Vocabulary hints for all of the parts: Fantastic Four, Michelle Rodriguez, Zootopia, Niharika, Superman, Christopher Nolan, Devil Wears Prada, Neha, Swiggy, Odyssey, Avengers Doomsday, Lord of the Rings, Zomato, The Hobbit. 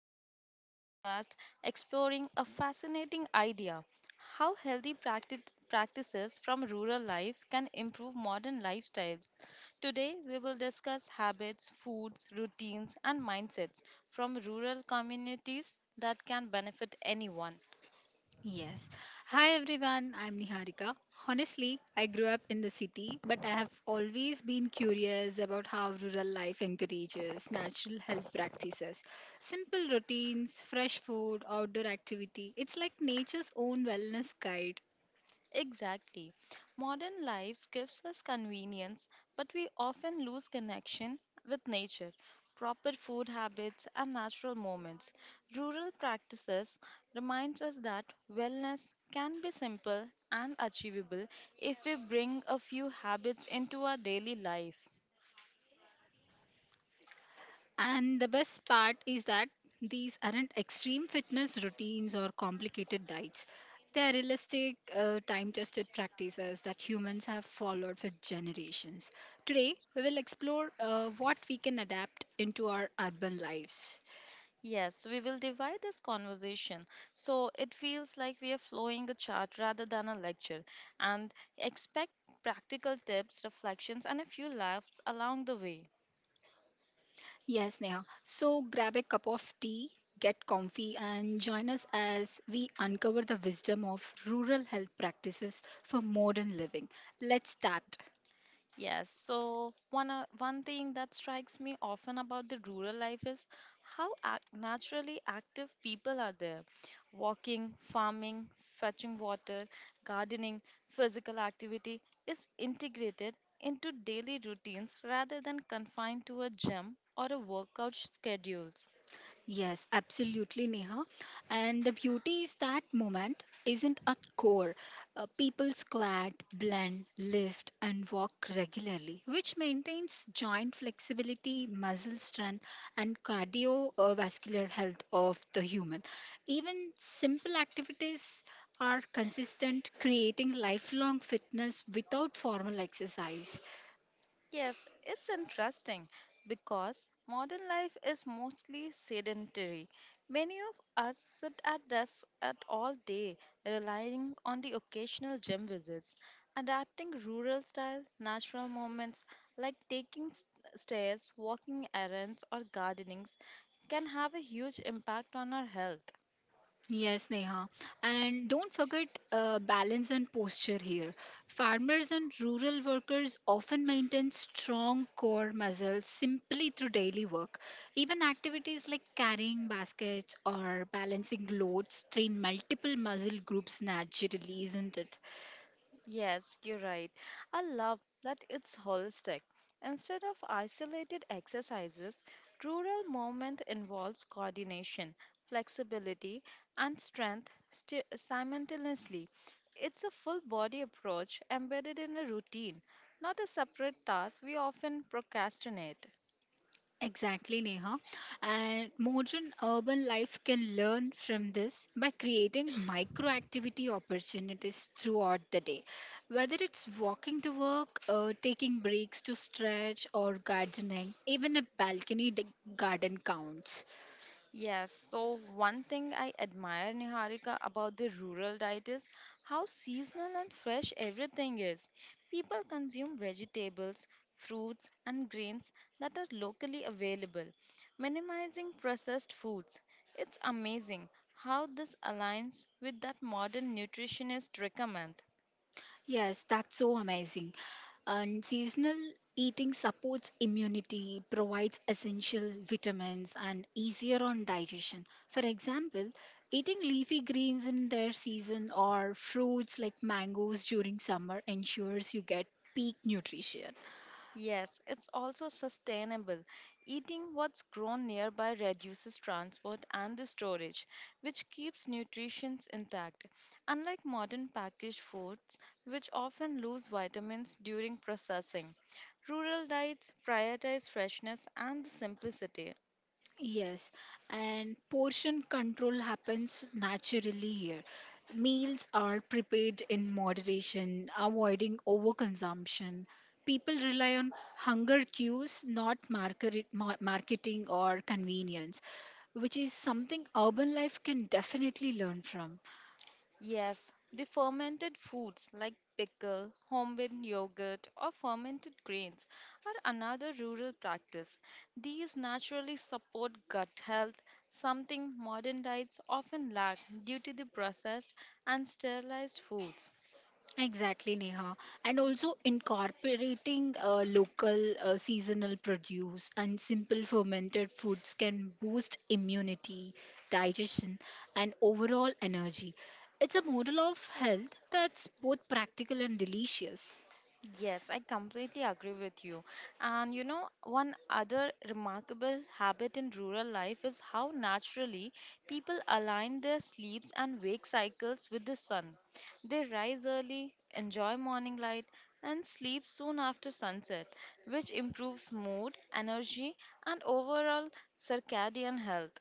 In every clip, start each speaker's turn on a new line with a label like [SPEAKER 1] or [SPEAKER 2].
[SPEAKER 1] to our special podcast exploring a fascinating idea how healthy practices from rural life can improve modern lifestyles. Today, we will discuss habits, foods, routines, and mindsets from rural communities that can benefit anyone.
[SPEAKER 2] Yes. Hi everyone, I'm Niharika. Honestly, I grew up in the city, but I have always been curious about how rural life encourages natural health practices. Simple routines, fresh food, outdoor activity. It's like nature's own wellness guide.
[SPEAKER 1] Exactly. Modern lives gives us convenience, but we often lose connection with nature, proper food habits and natural moments. Rural practices reminds us that wellness can be simple and achievable if we bring a few habits into our daily life.
[SPEAKER 2] And the best part is that these aren't extreme fitness routines or complicated diets. They are realistic, time tested practices that humans have followed for generations. Today, we will explore what we can adapt into our urban lives.
[SPEAKER 1] Yes, we will divide this conversation so it feels like we are flowing a chart rather than a lecture and expect practical tips, reflections, and a few laughs along the way.
[SPEAKER 2] Yes, Neha. So grab a cup of tea, get comfy, and join us as we uncover the wisdom of rural health practices for modern living. Let's start.
[SPEAKER 1] Yes, so one thing that strikes me often about the rural life is how ac naturally active people are there. Walking, farming, fetching water, gardening, physical activity is integrated into daily routines rather than confined to a gym or a workout schedules.
[SPEAKER 2] Yes, absolutely, Neha. And the beauty is that moment isn't a core. People squat, blend, lift, and walk regularly, which maintains joint flexibility, muscle strength, and cardiovascular health of the human. Even simple activities are consistent, creating lifelong fitness without formal exercise.
[SPEAKER 1] Yes, it's interesting because modern life is mostly sedentary. Many of us sit at desks at all day, relying on the occasional gym visits. Adapting rural style natural moments like taking stairs, walking errands, or gardening can have a huge impact on our health.
[SPEAKER 2] Yes, Neha. And don't forget balance and posture here. Farmers and rural workers often maintain strong core muscles simply through daily work. Even activities like carrying baskets or balancing loads train multiple muscle groups naturally, isn't it?
[SPEAKER 1] Yes, you're right. I love that it's holistic. Instead of isolated exercises, rural movement involves coordination, flexibility, and strength simultaneously. It's a full body approach embedded in a routine, not a separate task we often procrastinate.
[SPEAKER 2] Exactly, Neha. And modern urban life can learn from this by creating micro activity opportunities throughout the day. Whether it's walking to work, taking breaks to stretch, or gardening, even a garden counts.
[SPEAKER 1] Yes, so one thing I admire, Niharika, about the rural diet is how seasonal and fresh everything is. People consume vegetables, fruits, and grains that are locally available, minimizing processed foods. It's amazing how this aligns with that modern nutritionist recommend.
[SPEAKER 2] Yes, that's so amazing. And seasonal eating supports immunity, provides essential vitamins, and easier on digestion. For example, eating leafy greens in their season or fruits like mangoes during summer ensures you get peak nutrition.
[SPEAKER 1] Yes, it's also sustainable. Eating what's grown nearby reduces transport and the storage, which keeps nutrition intact. Unlike modern packaged foods, which often lose vitamins during processing, rural diets prioritize freshness and the simplicity.
[SPEAKER 2] Yes, and portion control happens naturally here. Meals are prepared in moderation, avoiding overconsumption. People rely on hunger cues, not marketing or convenience, which is something urban life can definitely learn from.
[SPEAKER 1] Yes, the fermented foods like pickle, homemade yogurt, or fermented grains are another rural practice. These naturally support gut health, something modern diets often lack due to the processed and sterilized foods.
[SPEAKER 2] Exactly, Neha. And also incorporating local seasonal produce and simple fermented foods can boost immunity, digestion, and overall energy. It's a model of health that's both practical and delicious.
[SPEAKER 1] Yes, I completely agree with you. And you know, one other remarkable habit in rural life is how naturally people align their sleeps and wake cycles with the sun. They rise early, enjoy morning light, and sleep soon after sunset, which improves mood, energy, and overall circadian health.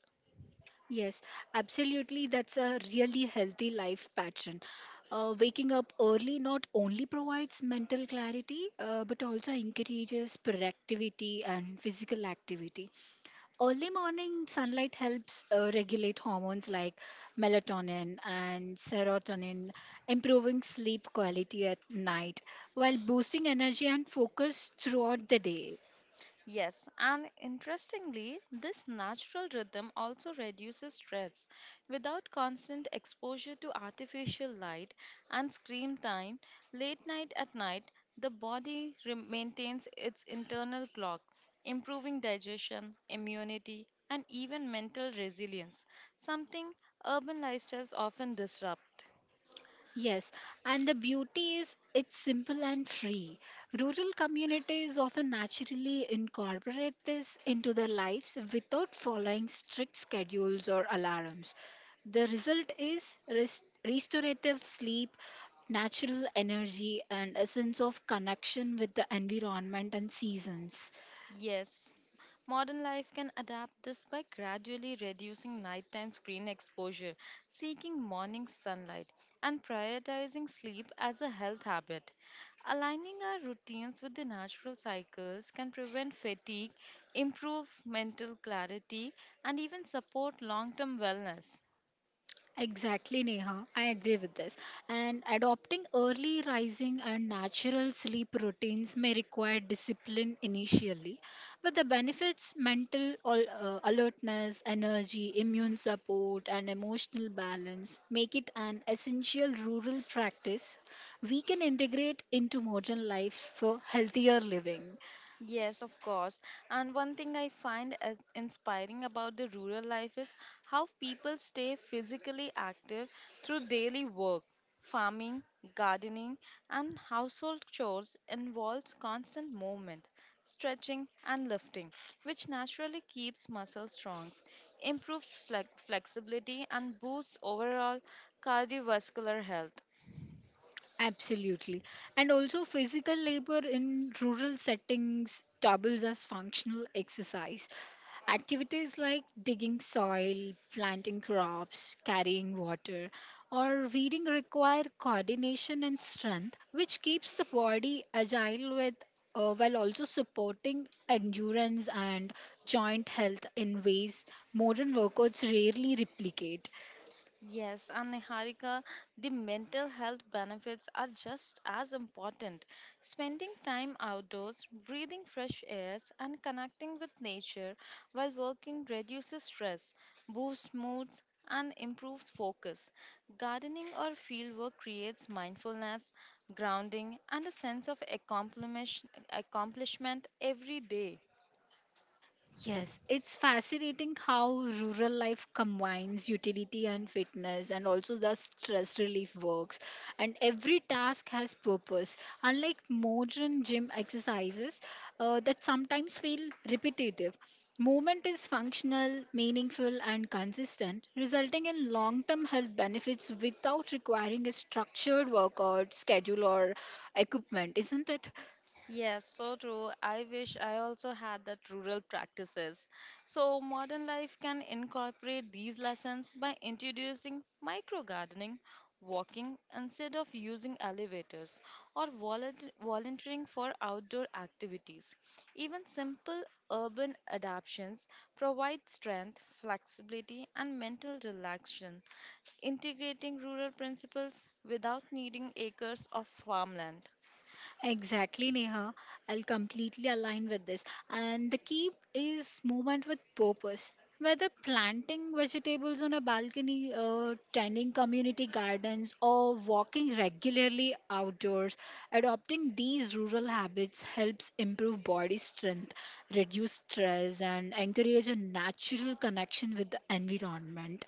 [SPEAKER 2] Yes, absolutely. That's a really healthy life pattern. Waking up early not only provides mental clarity, but also encourages productivity and physical activity. Early morning sunlight helps regulate hormones like melatonin and serotonin, improving sleep quality at night while boosting energy and focus throughout the day.
[SPEAKER 1] Yes, and interestingly, this natural rhythm also reduces stress. Without constant exposure to artificial light and screen time, late night at night, the body maintains its internal clock, improving digestion, immunity, and even mental resilience, something urban lifestyles often disrupt.
[SPEAKER 2] Yes, and the beauty is it's simple and free. Rural communities often naturally incorporate this into their lives without following strict schedules or alarms. The result is restorative sleep, natural energy, and a sense of connection with the environment and seasons.
[SPEAKER 1] Yes, modern life can adapt this by gradually reducing nighttime screen exposure, seeking morning sunlight, and prioritizing sleep as a health habit. Aligning our routines with the natural cycles can prevent fatigue, improve mental clarity, and even support long term wellness.
[SPEAKER 2] Exactly, Neha. I agree with this. And adopting early rising and natural sleep routines may require discipline initially, but the benefits mental alertness, energy, immune support, and emotional balance make it an essential rural practice we can integrate into modern life for healthier living.
[SPEAKER 1] Yes, of course. And one thing I find as inspiring about the rural life is how people stay physically active through daily work. Farming, gardening, and household chores involves constant movement, stretching, and lifting, which naturally keeps muscle strong, improves flexibility, and boosts overall cardiovascular health.
[SPEAKER 2] Absolutely. And also, physical labor in rural settings doubles as functional exercise. Activities like digging soil, planting crops, carrying water, or weeding require coordination and strength, which keeps the body agile with, while also supporting endurance and joint health in ways modern workouts rarely replicate.
[SPEAKER 1] Yes, and Niharika, the mental health benefits are just as important. Spending time outdoors, breathing fresh airs, and connecting with nature while working reduces stress, boosts moods, and improves focus. Gardening or fieldwork creates mindfulness, grounding, and a sense of accomplishment every day.
[SPEAKER 2] Yes, it's fascinating how rural life combines utility and fitness and also the stress relief works. And every task has purpose. Unlike modern gym exercises that sometimes feel repetitive, movement is functional, meaningful, and consistent, resulting in long term health benefits without requiring a structured workout schedule or equipment, isn't it?
[SPEAKER 1] Yes, so true. I wish I also had that rural practices. So modern life can incorporate these lessons by introducing micro gardening, walking instead of using elevators, or volunteering for outdoor activities. Even simple urban adaptations provide strength, flexibility, and mental relaxation, integrating rural principles without needing acres of farmland.
[SPEAKER 2] Exactly, Neha. I'll completely align with this. And the key is movement with purpose. Whether planting vegetables on a balcony, tending community gardens, or walking regularly outdoors, adopting these rural habits helps improve body strength, reduce stress, and encourage a natural connection with the environment.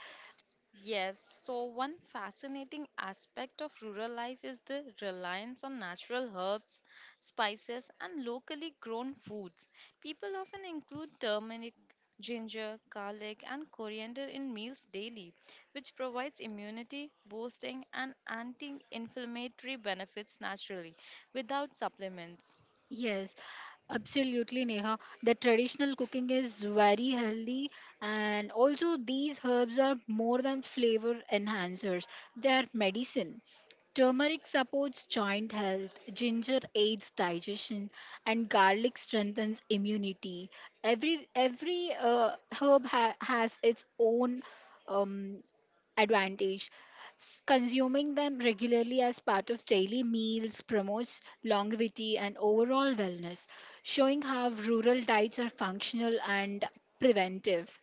[SPEAKER 1] Yes, so one fascinating aspect of rural life is the reliance on natural herbs, spices, and locally grown foods. People often include turmeric, ginger, garlic, and coriander in meals daily, which provides immunity boosting and anti inflammatory benefits naturally without supplements.
[SPEAKER 2] Yes, absolutely, Neha. The traditional cooking is very healthy, and also these herbs are more than flavor enhancers, they are medicine. Turmeric supports joint health, ginger aids digestion, and garlic strengthens immunity. Every herb has its own um, advantage. Consuming them regularly as part of daily meals promotes longevity and overall wellness, showing how rural diets are functional and preventive.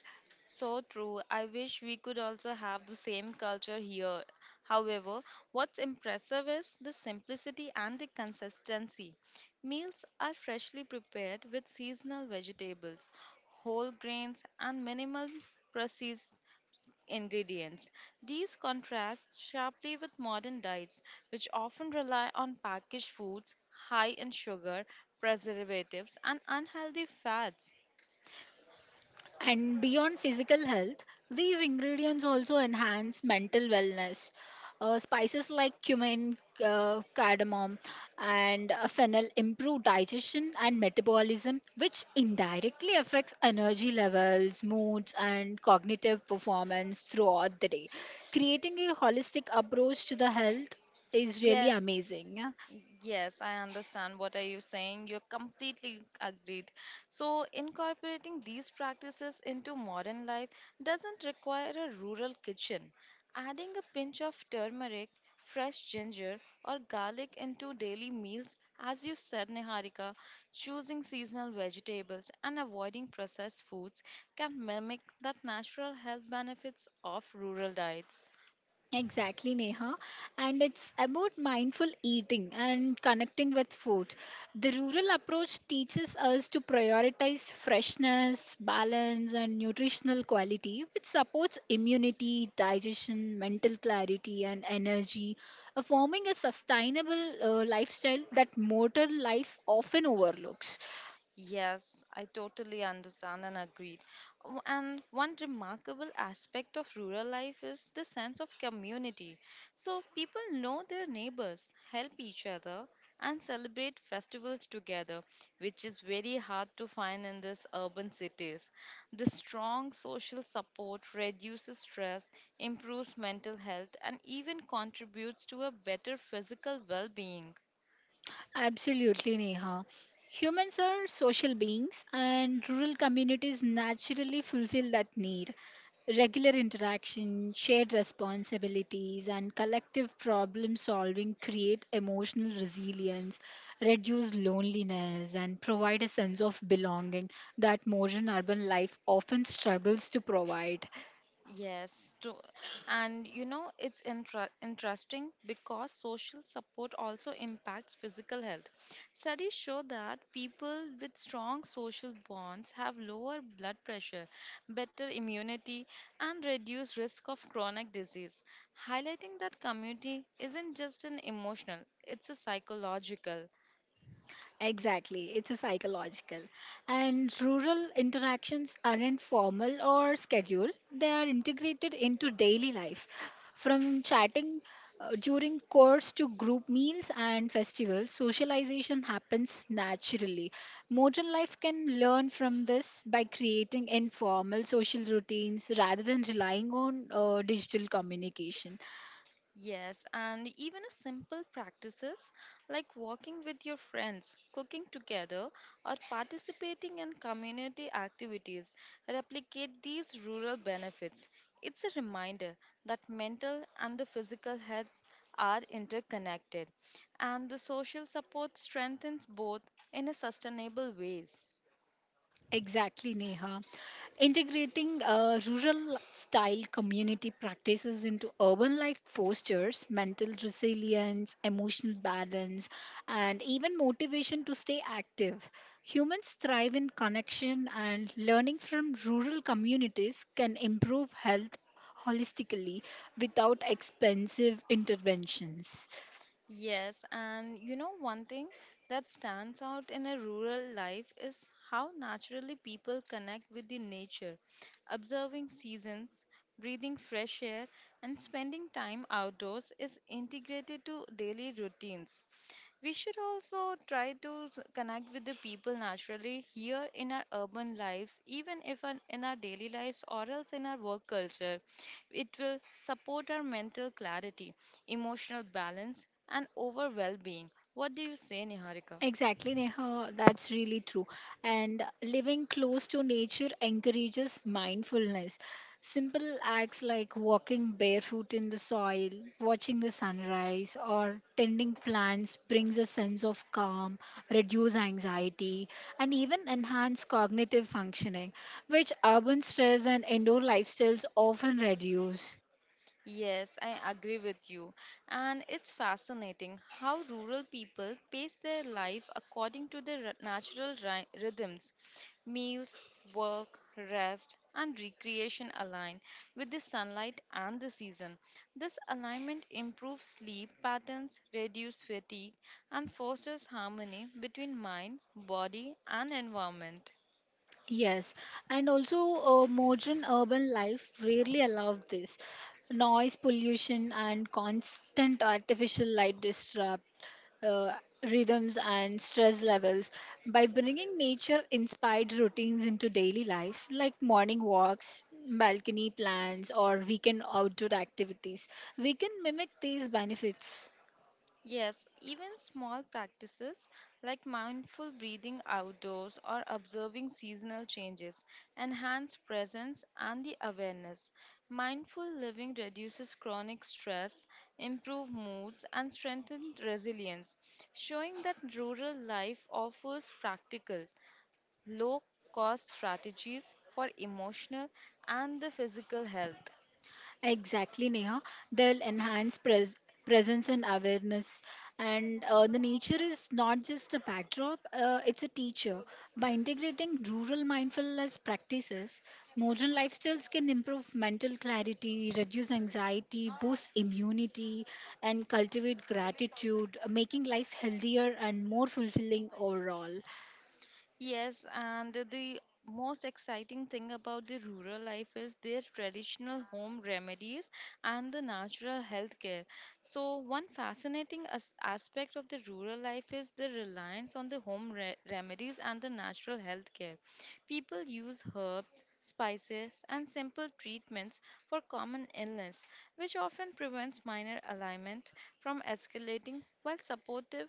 [SPEAKER 1] So true. I wish we could also have the same culture here. However, what's impressive is the simplicity and the consistency. Meals are freshly prepared with seasonal vegetables, whole grains, and minimal processed ingredients. These contrast sharply with modern diets, which often rely on packaged foods high in sugar, preservatives, and unhealthy fats.
[SPEAKER 2] And beyond physical health, these ingredients also enhance mental wellness. Spices like cumin, cardamom, and fennel improve digestion and metabolism, which indirectly affects energy levels, moods, and cognitive performance throughout the day. Creating a holistic approach to the health is really
[SPEAKER 1] Yes,
[SPEAKER 2] amazing.
[SPEAKER 1] Yes, I understand what are you saying. You're completely agreed. So incorporating these practices into modern life doesn't require a rural kitchen. Adding a pinch of turmeric, fresh ginger, or garlic into daily meals, as you said, Niharika, choosing seasonal vegetables and avoiding processed foods can mimic that natural health benefits of rural diets.
[SPEAKER 2] Exactly, Neha. And it's about mindful eating and connecting with food. The rural approach teaches us to prioritize freshness, balance, and nutritional quality, which supports immunity, digestion, mental clarity, and energy, forming a sustainable lifestyle that modern life often overlooks.
[SPEAKER 1] Yes, I totally understand and agreed. Oh, and one remarkable aspect of rural life is the sense of community. So people know their neighbors, help each other, and celebrate festivals together, which is very hard to find in these urban cities. The strong social support reduces stress, improves mental health, and even contributes to a better physical well being.
[SPEAKER 2] Absolutely, Neha. Humans are social beings, and rural communities naturally fulfill that need. Regular interaction, shared responsibilities, and collective problem solving create emotional resilience, reduce loneliness, and provide a sense of belonging that modern urban life often struggles to provide.
[SPEAKER 1] Yes, to, and you know, it's interesting because social support also impacts physical health. Studies show that people with strong social bonds have lower blood pressure, better immunity, and reduced risk of chronic disease, highlighting that community isn't just an emotional, it's a psychological.
[SPEAKER 2] Exactly, it's a psychological. And rural interactions aren't formal or scheduled, they are integrated into daily life. From chatting during course to group meals and festivals, socialization happens naturally. Modern life can learn from this by creating informal social routines rather than relying on digital communication.
[SPEAKER 1] Yes, and even a simple practices like walking with your friends, cooking together, or participating in community activities replicate these rural benefits. It's a reminder that mental and the physical health are interconnected, and the social support strengthens both in a sustainable ways.
[SPEAKER 2] Exactly, Neha. Integrating rural style community practices into urban life fosters mental resilience, emotional balance, and even motivation to stay active. Humans thrive in connection, and learning from rural communities can improve health holistically without expensive interventions.
[SPEAKER 1] Yes, and you know, one thing that stands out in a rural life is how naturally people connect with the nature, observing seasons, breathing fresh air, and spending time outdoors is integrated to daily routines. We should also try to connect with the people naturally here in our urban lives, even if in our daily lives or else in our work culture. It will support our mental clarity, emotional balance, and overall well being. What do you say, Niharika?
[SPEAKER 2] Exactly, Neha, that's really true. And living close to nature encourages mindfulness. Simple acts like walking barefoot in the soil, watching the sunrise, or tending plants brings a sense of calm, reduce anxiety, and even enhance cognitive functioning, which urban stress and indoor lifestyles often reduce.
[SPEAKER 1] Yes, I agree with you. And it's fascinating how rural people pace their life according to their natural rhythms. Meals, work, rest, and recreation align with the sunlight and the season. This alignment improves sleep patterns, reduces fatigue, and fosters harmony between mind, body, and environment.
[SPEAKER 2] Yes, and also modern urban life rarely allows this. Noise pollution and constant artificial light disrupt uh, rhythms and stress levels. By bringing nature inspired routines into daily life, like morning walks, balcony plans, or weekend outdoor activities, we can mimic these benefits.
[SPEAKER 1] Yes, even small practices like mindful breathing outdoors or observing seasonal changes enhance presence and the awareness. Mindful living reduces chronic stress, improve moods and strengthen resilience, showing that rural life offers practical, low cost strategies for emotional and the physical health.
[SPEAKER 2] Exactly, Neha. They'll enhance presence and awareness. And the nature is not just a backdrop, it's a teacher. By integrating rural mindfulness practices, modern lifestyles can improve mental clarity, reduce anxiety, boost immunity, and cultivate gratitude, making life healthier and more fulfilling overall.
[SPEAKER 1] Yes, and the most exciting thing about the rural life is their traditional home remedies and the natural health care. So, one fascinating aspect of the rural life is the reliance on the home remedies and the natural health care. People use herbs, spices, and simple treatments for common illness, which often prevents minor alignment from escalating while supportive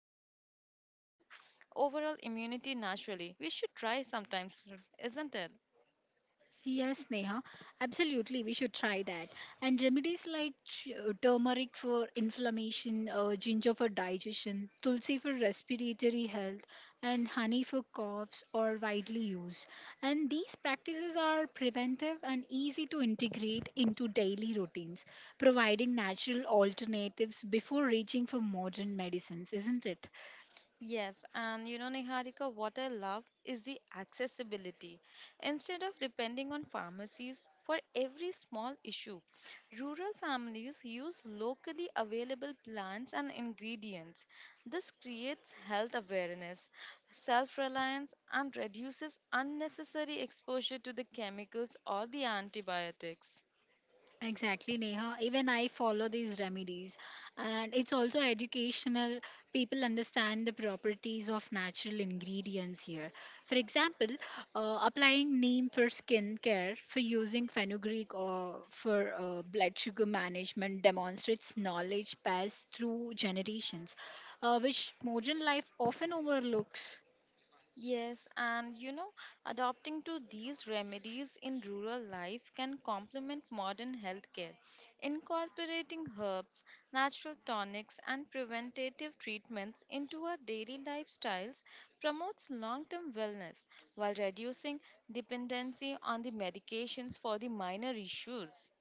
[SPEAKER 1] overall immunity naturally. We should try sometimes, isn't it?
[SPEAKER 2] Yes, Neha, absolutely. We should try that. And remedies like turmeric for inflammation, ginger for digestion, tulsi for respiratory health, and honey for coughs are widely used. And these practices are preventive and easy to integrate into daily routines, providing natural alternatives before reaching for modern medicines, isn't it?
[SPEAKER 1] Yes, and you know, Niharika, what I love is the accessibility. Instead of depending on pharmacies for every small issue, rural families use locally available plants and ingredients. This creates health awareness, self reliance, and reduces unnecessary exposure to the chemicals or the antibiotics.
[SPEAKER 2] Exactly, Neha. Even I follow these remedies, and it's also educational. People understand the properties of natural ingredients here. For example, applying neem for skin care, for using fenugreek or for blood sugar management demonstrates knowledge passed through generations, which modern life often overlooks.
[SPEAKER 1] Yes, and you know, adopting to these remedies in rural life can complement modern healthcare. Incorporating herbs, natural tonics, and preventative treatments into our daily lifestyles promotes long term wellness while reducing dependency on the medications for the minor issues.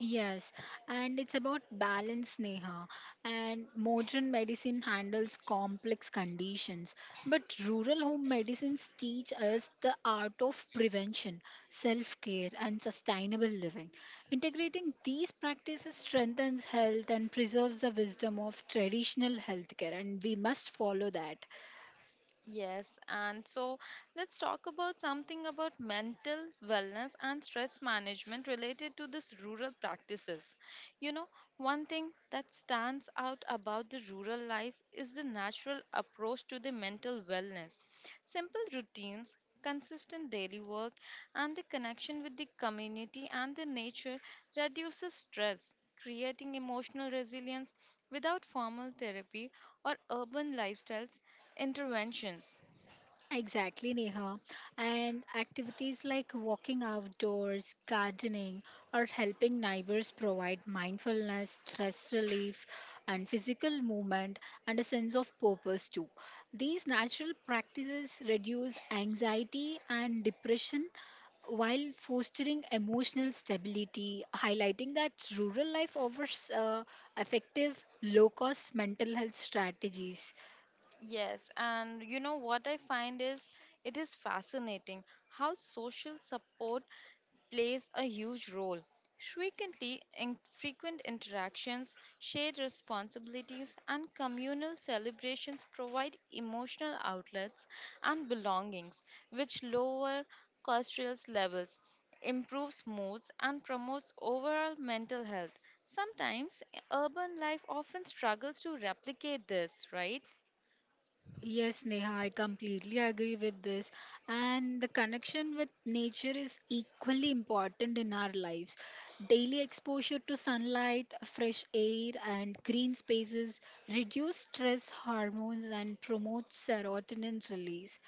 [SPEAKER 2] Yes, and it's about balance, Neha. And modern medicine handles complex conditions, but rural home medicines teach us the art of prevention, self care, and sustainable living. Integrating these practices strengthens health and preserves the wisdom of traditional healthcare, and we must follow that.
[SPEAKER 1] Yes, and so let's talk about something about mental wellness and stress management related to this rural practices. You know, one thing that stands out about the rural life is the natural approach to the mental wellness. Simple routines, consistent daily work, and the connection with the community and the nature reduces stress, creating emotional resilience without formal therapy or urban lifestyles interventions.
[SPEAKER 2] Exactly, Neha. And activities like walking outdoors, gardening, or helping neighbors provide mindfulness, stress relief, and physical movement and a sense of purpose too. These natural practices reduce anxiety and depression while fostering emotional stability, highlighting that rural life offers effective, low cost mental health strategies.
[SPEAKER 1] Yes, and you know what I find is it is fascinating how social support plays a huge role. Frequently, in frequent interactions, shared responsibilities, and communal celebrations provide emotional outlets and belongings, which lower cortisol levels, improves moods, and promotes overall mental health. Sometimes urban life often struggles to replicate this, right?
[SPEAKER 2] Yes, Neha, I completely agree with this. And the connection with nature is equally important in our lives. Daily exposure to sunlight, fresh air, and green spaces reduce stress hormones and promote serotonin release.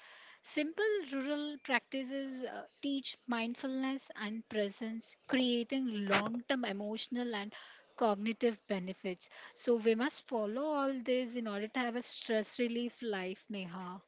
[SPEAKER 2] Simple rural practices teach mindfulness and presence, creating long term emotional and cognitive benefits. So, we must follow all this in order to have a stress relief life, Neha.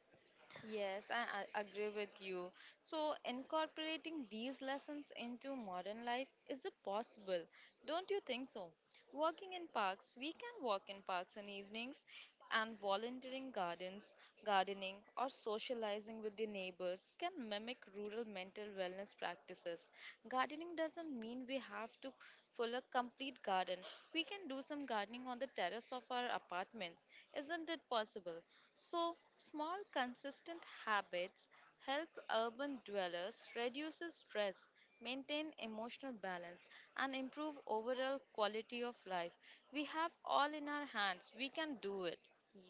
[SPEAKER 1] Yes, I agree with you. So, incorporating these lessons into modern life is it possible? Don't you think so? Working in parks, we can walk in parks in evenings and volunteering gardens, gardening, or socializing with the neighbors can mimic rural mental wellness practices. Gardening doesn't mean we have to full a complete garden. We can do some gardening on the terrace of our apartments. Isn't it possible? So, small consistent habits help urban dwellers reduce stress, maintain emotional balance and improve overall quality of life. We have all in our hands. We can do it.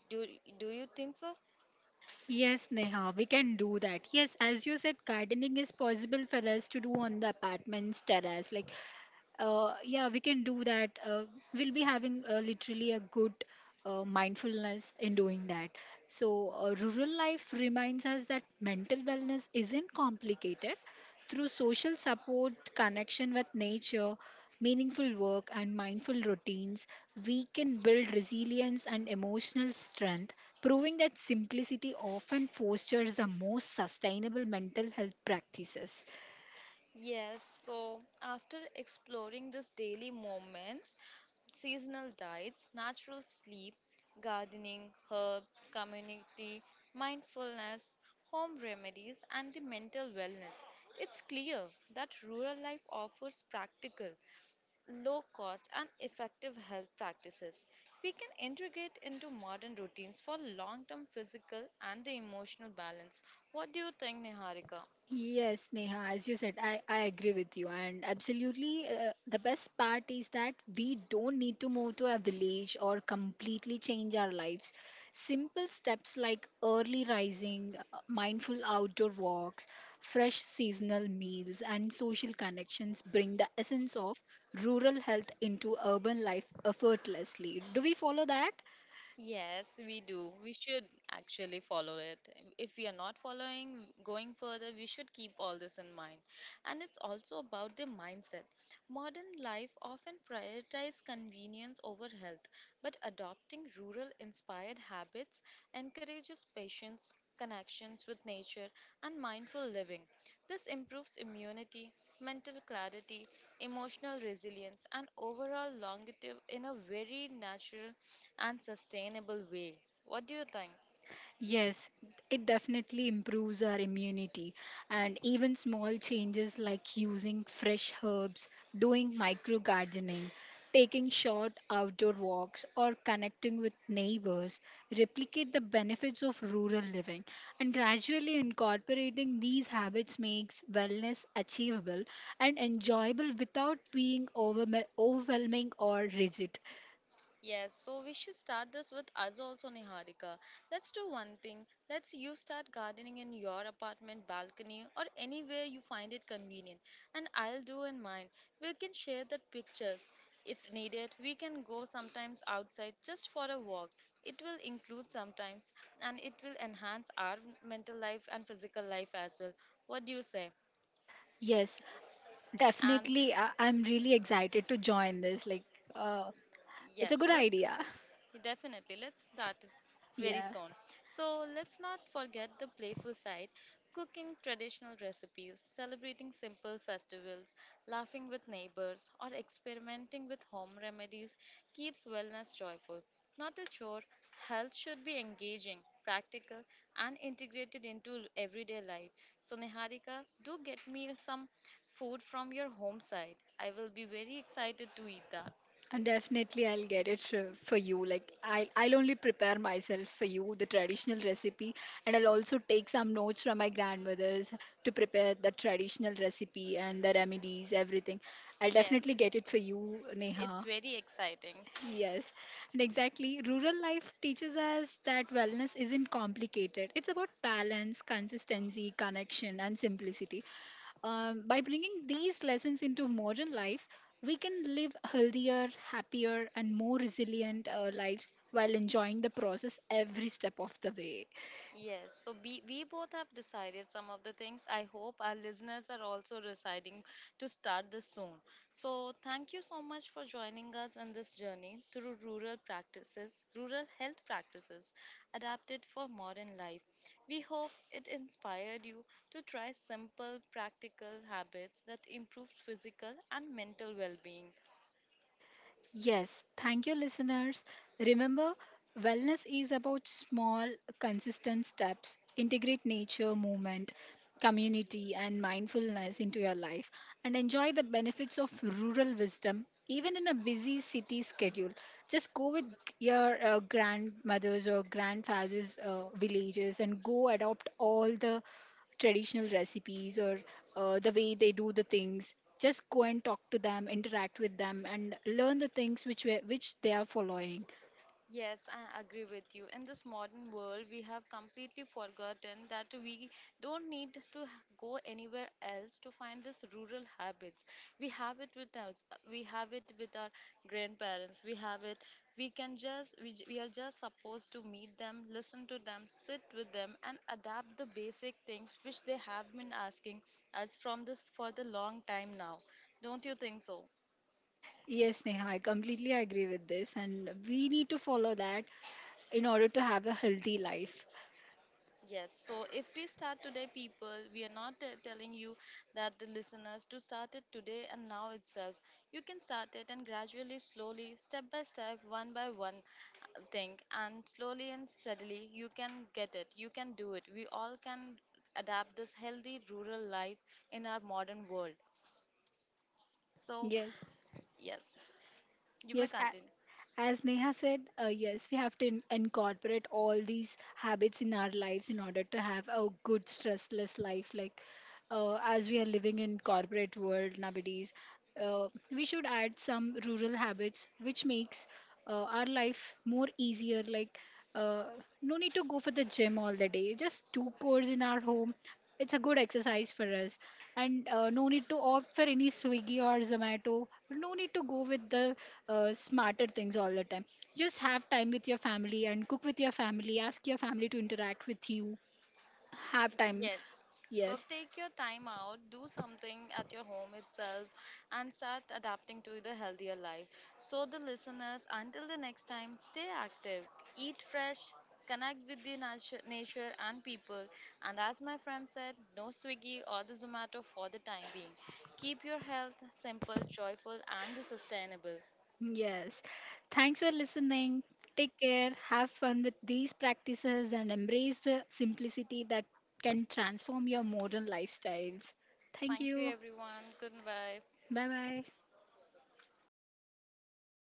[SPEAKER 1] Do, do you think so?
[SPEAKER 2] Yes, Neha, we can do that. Yes, as you said, gardening is possible for us to do on the apartment's terrace. Like yeah, we can do that, we'll be having literally a good mindfulness in doing that. So rural life reminds us that mental wellness isn't complicated. Through social support, connection with nature, meaningful work and mindful routines, we can build resilience and emotional strength, proving that simplicity often fosters the most sustainable mental health practices.
[SPEAKER 1] Yes, so after exploring these daily moments, seasonal diets, natural sleep, gardening, herbs, community, mindfulness, home remedies, and the mental wellness, it's clear that rural life offers practical, low cost, and effective health practices we can integrate into modern routines for long term physical and the emotional balance. What do you think, Niharika?
[SPEAKER 2] Yes, Neha, as you said, I agree with you. And absolutely, the best part is that we don't need to move to a village or completely change our lives. Simple steps like early rising, mindful outdoor walks, fresh seasonal meals, and social connections bring the essence of rural health into urban life effortlessly. Do we follow that?
[SPEAKER 1] Yes, we do. We should actually follow it. If we are not following, going further, we should keep all this in mind. And it's also about the mindset. Modern life often prioritizes convenience over health, but adopting rural inspired habits encourages patience, connections with nature, and mindful living. This improves immunity, mental clarity, emotional resilience, and overall longevity in a very natural and sustainable way. What do you think?
[SPEAKER 2] Yes, it definitely improves our immunity. And even small changes like using fresh herbs, doing micro gardening, taking short outdoor walks, or connecting with neighbors replicate the benefits of rural living. And gradually incorporating these habits makes wellness achievable and enjoyable without being overwhelming or rigid.
[SPEAKER 1] Yes, so we should start this with us also, Niharika. Let's do one thing. Let's you start gardening in your apartment balcony or anywhere you find it convenient, and I'll do in mine. We can share the pictures if needed. We can go sometimes outside just for a walk. It will include sometimes, and it will enhance our mental life and physical life as well. What do you say?
[SPEAKER 2] Yes,
[SPEAKER 1] And
[SPEAKER 2] definitely, I'm really excited to join this. Like, uh, it's a
[SPEAKER 1] yes,
[SPEAKER 2] good
[SPEAKER 1] let's
[SPEAKER 2] idea.
[SPEAKER 1] definitely, let's start it very
[SPEAKER 2] Yeah,
[SPEAKER 1] soon. So, let's not forget the playful side cooking traditional recipes, celebrating simple festivals, laughing with neighbors, or experimenting with home remedies keeps wellness joyful. Not a chore, health should be engaging, practical, and integrated into everyday life. So, Niharika, do get me some food from your home side. I will be very excited to eat that.
[SPEAKER 2] and definitely I'll get it for you. Like, I'll only prepare myself for you the traditional recipe, and I'll also take some notes from my grandmothers to prepare the traditional recipe and the remedies, everything. I'll
[SPEAKER 1] Yes,
[SPEAKER 2] definitely get it for you, Neha.
[SPEAKER 1] it's very exciting.
[SPEAKER 2] Yes, and exactly. Rural life teaches us that wellness isn't complicated. It's about balance, consistency, connection, and simplicity. By bringing these lessons into modern life, we can live healthier, happier, and more resilient lives while enjoying the process every step of the way.
[SPEAKER 1] Yes, so we both have decided some of the things. I hope our listeners are also deciding to start this soon. So, thank you so much for joining us on this journey through rural practices, rural health practices adapted for modern life. We hope it inspired you to try simple, practical habits that improves physical and mental well-being.
[SPEAKER 2] Yes, thank you, listeners. Remember, wellness is about small, consistent steps. Integrate nature, movement, community, and mindfulness into your life and enjoy the benefits of rural wisdom, even in a busy city schedule. Just go with your grandmothers or grandfathers' villages and go adopt all the traditional recipes or the way they do the things. Just go and talk to them, interact with them and learn the things which which they are following.
[SPEAKER 1] Yes, I agree with you. In this modern world, we have completely forgotten that we don't need to go anywhere else to find this rural habits. We have it with us. We have it with our grandparents. We have it. We can just we are just supposed to meet them, listen to them, sit with them, and adapt the basic things which they have been asking us from this for the long time now. Don't you think so?
[SPEAKER 2] Yes, Neha, I completely agree with this, and we need to follow that in order to have a healthy life.
[SPEAKER 1] Yes, so if we start today, people, we are not telling you that the listeners to start it today and now itself. You can start it and gradually, slowly, step by step, one by one thing, and slowly and steadily, you can get it. You can do it. We all can adapt this healthy rural life in our modern world. So,
[SPEAKER 2] Yes.
[SPEAKER 1] yes, you may
[SPEAKER 2] yes
[SPEAKER 1] continue.
[SPEAKER 2] a- as Neha said, yes, we have to incorporate all these habits in our lives in order to have a good stressless life. Like as we are living in corporate world nowadays, we should add some rural habits which makes our life more easier. Like uh, no need to go for the gym all the day, just two cores in our home, it's a good exercise for us. And no need to opt for any Swiggy or Zomato, no need to go with the smarter things all the time. Just have time with your family and cook with your family, ask your family to interact with you. Have time.
[SPEAKER 1] Yes. So
[SPEAKER 2] Yes.
[SPEAKER 1] take your time out, do something at your home itself, and start adapting to the healthier life. So, the listeners, until the next time, stay active, eat fresh, connect with the nature and people. And as my friend said, no Swiggy or the Zomato for the time being. Keep your health simple, joyful, and sustainable.
[SPEAKER 2] Yes. Thanks for listening. Take care. Have fun with these practices and embrace the simplicity that can transform your modern lifestyles. Thank
[SPEAKER 1] Thank you,
[SPEAKER 2] you.
[SPEAKER 1] everyone. Goodbye.
[SPEAKER 2] Bye bye.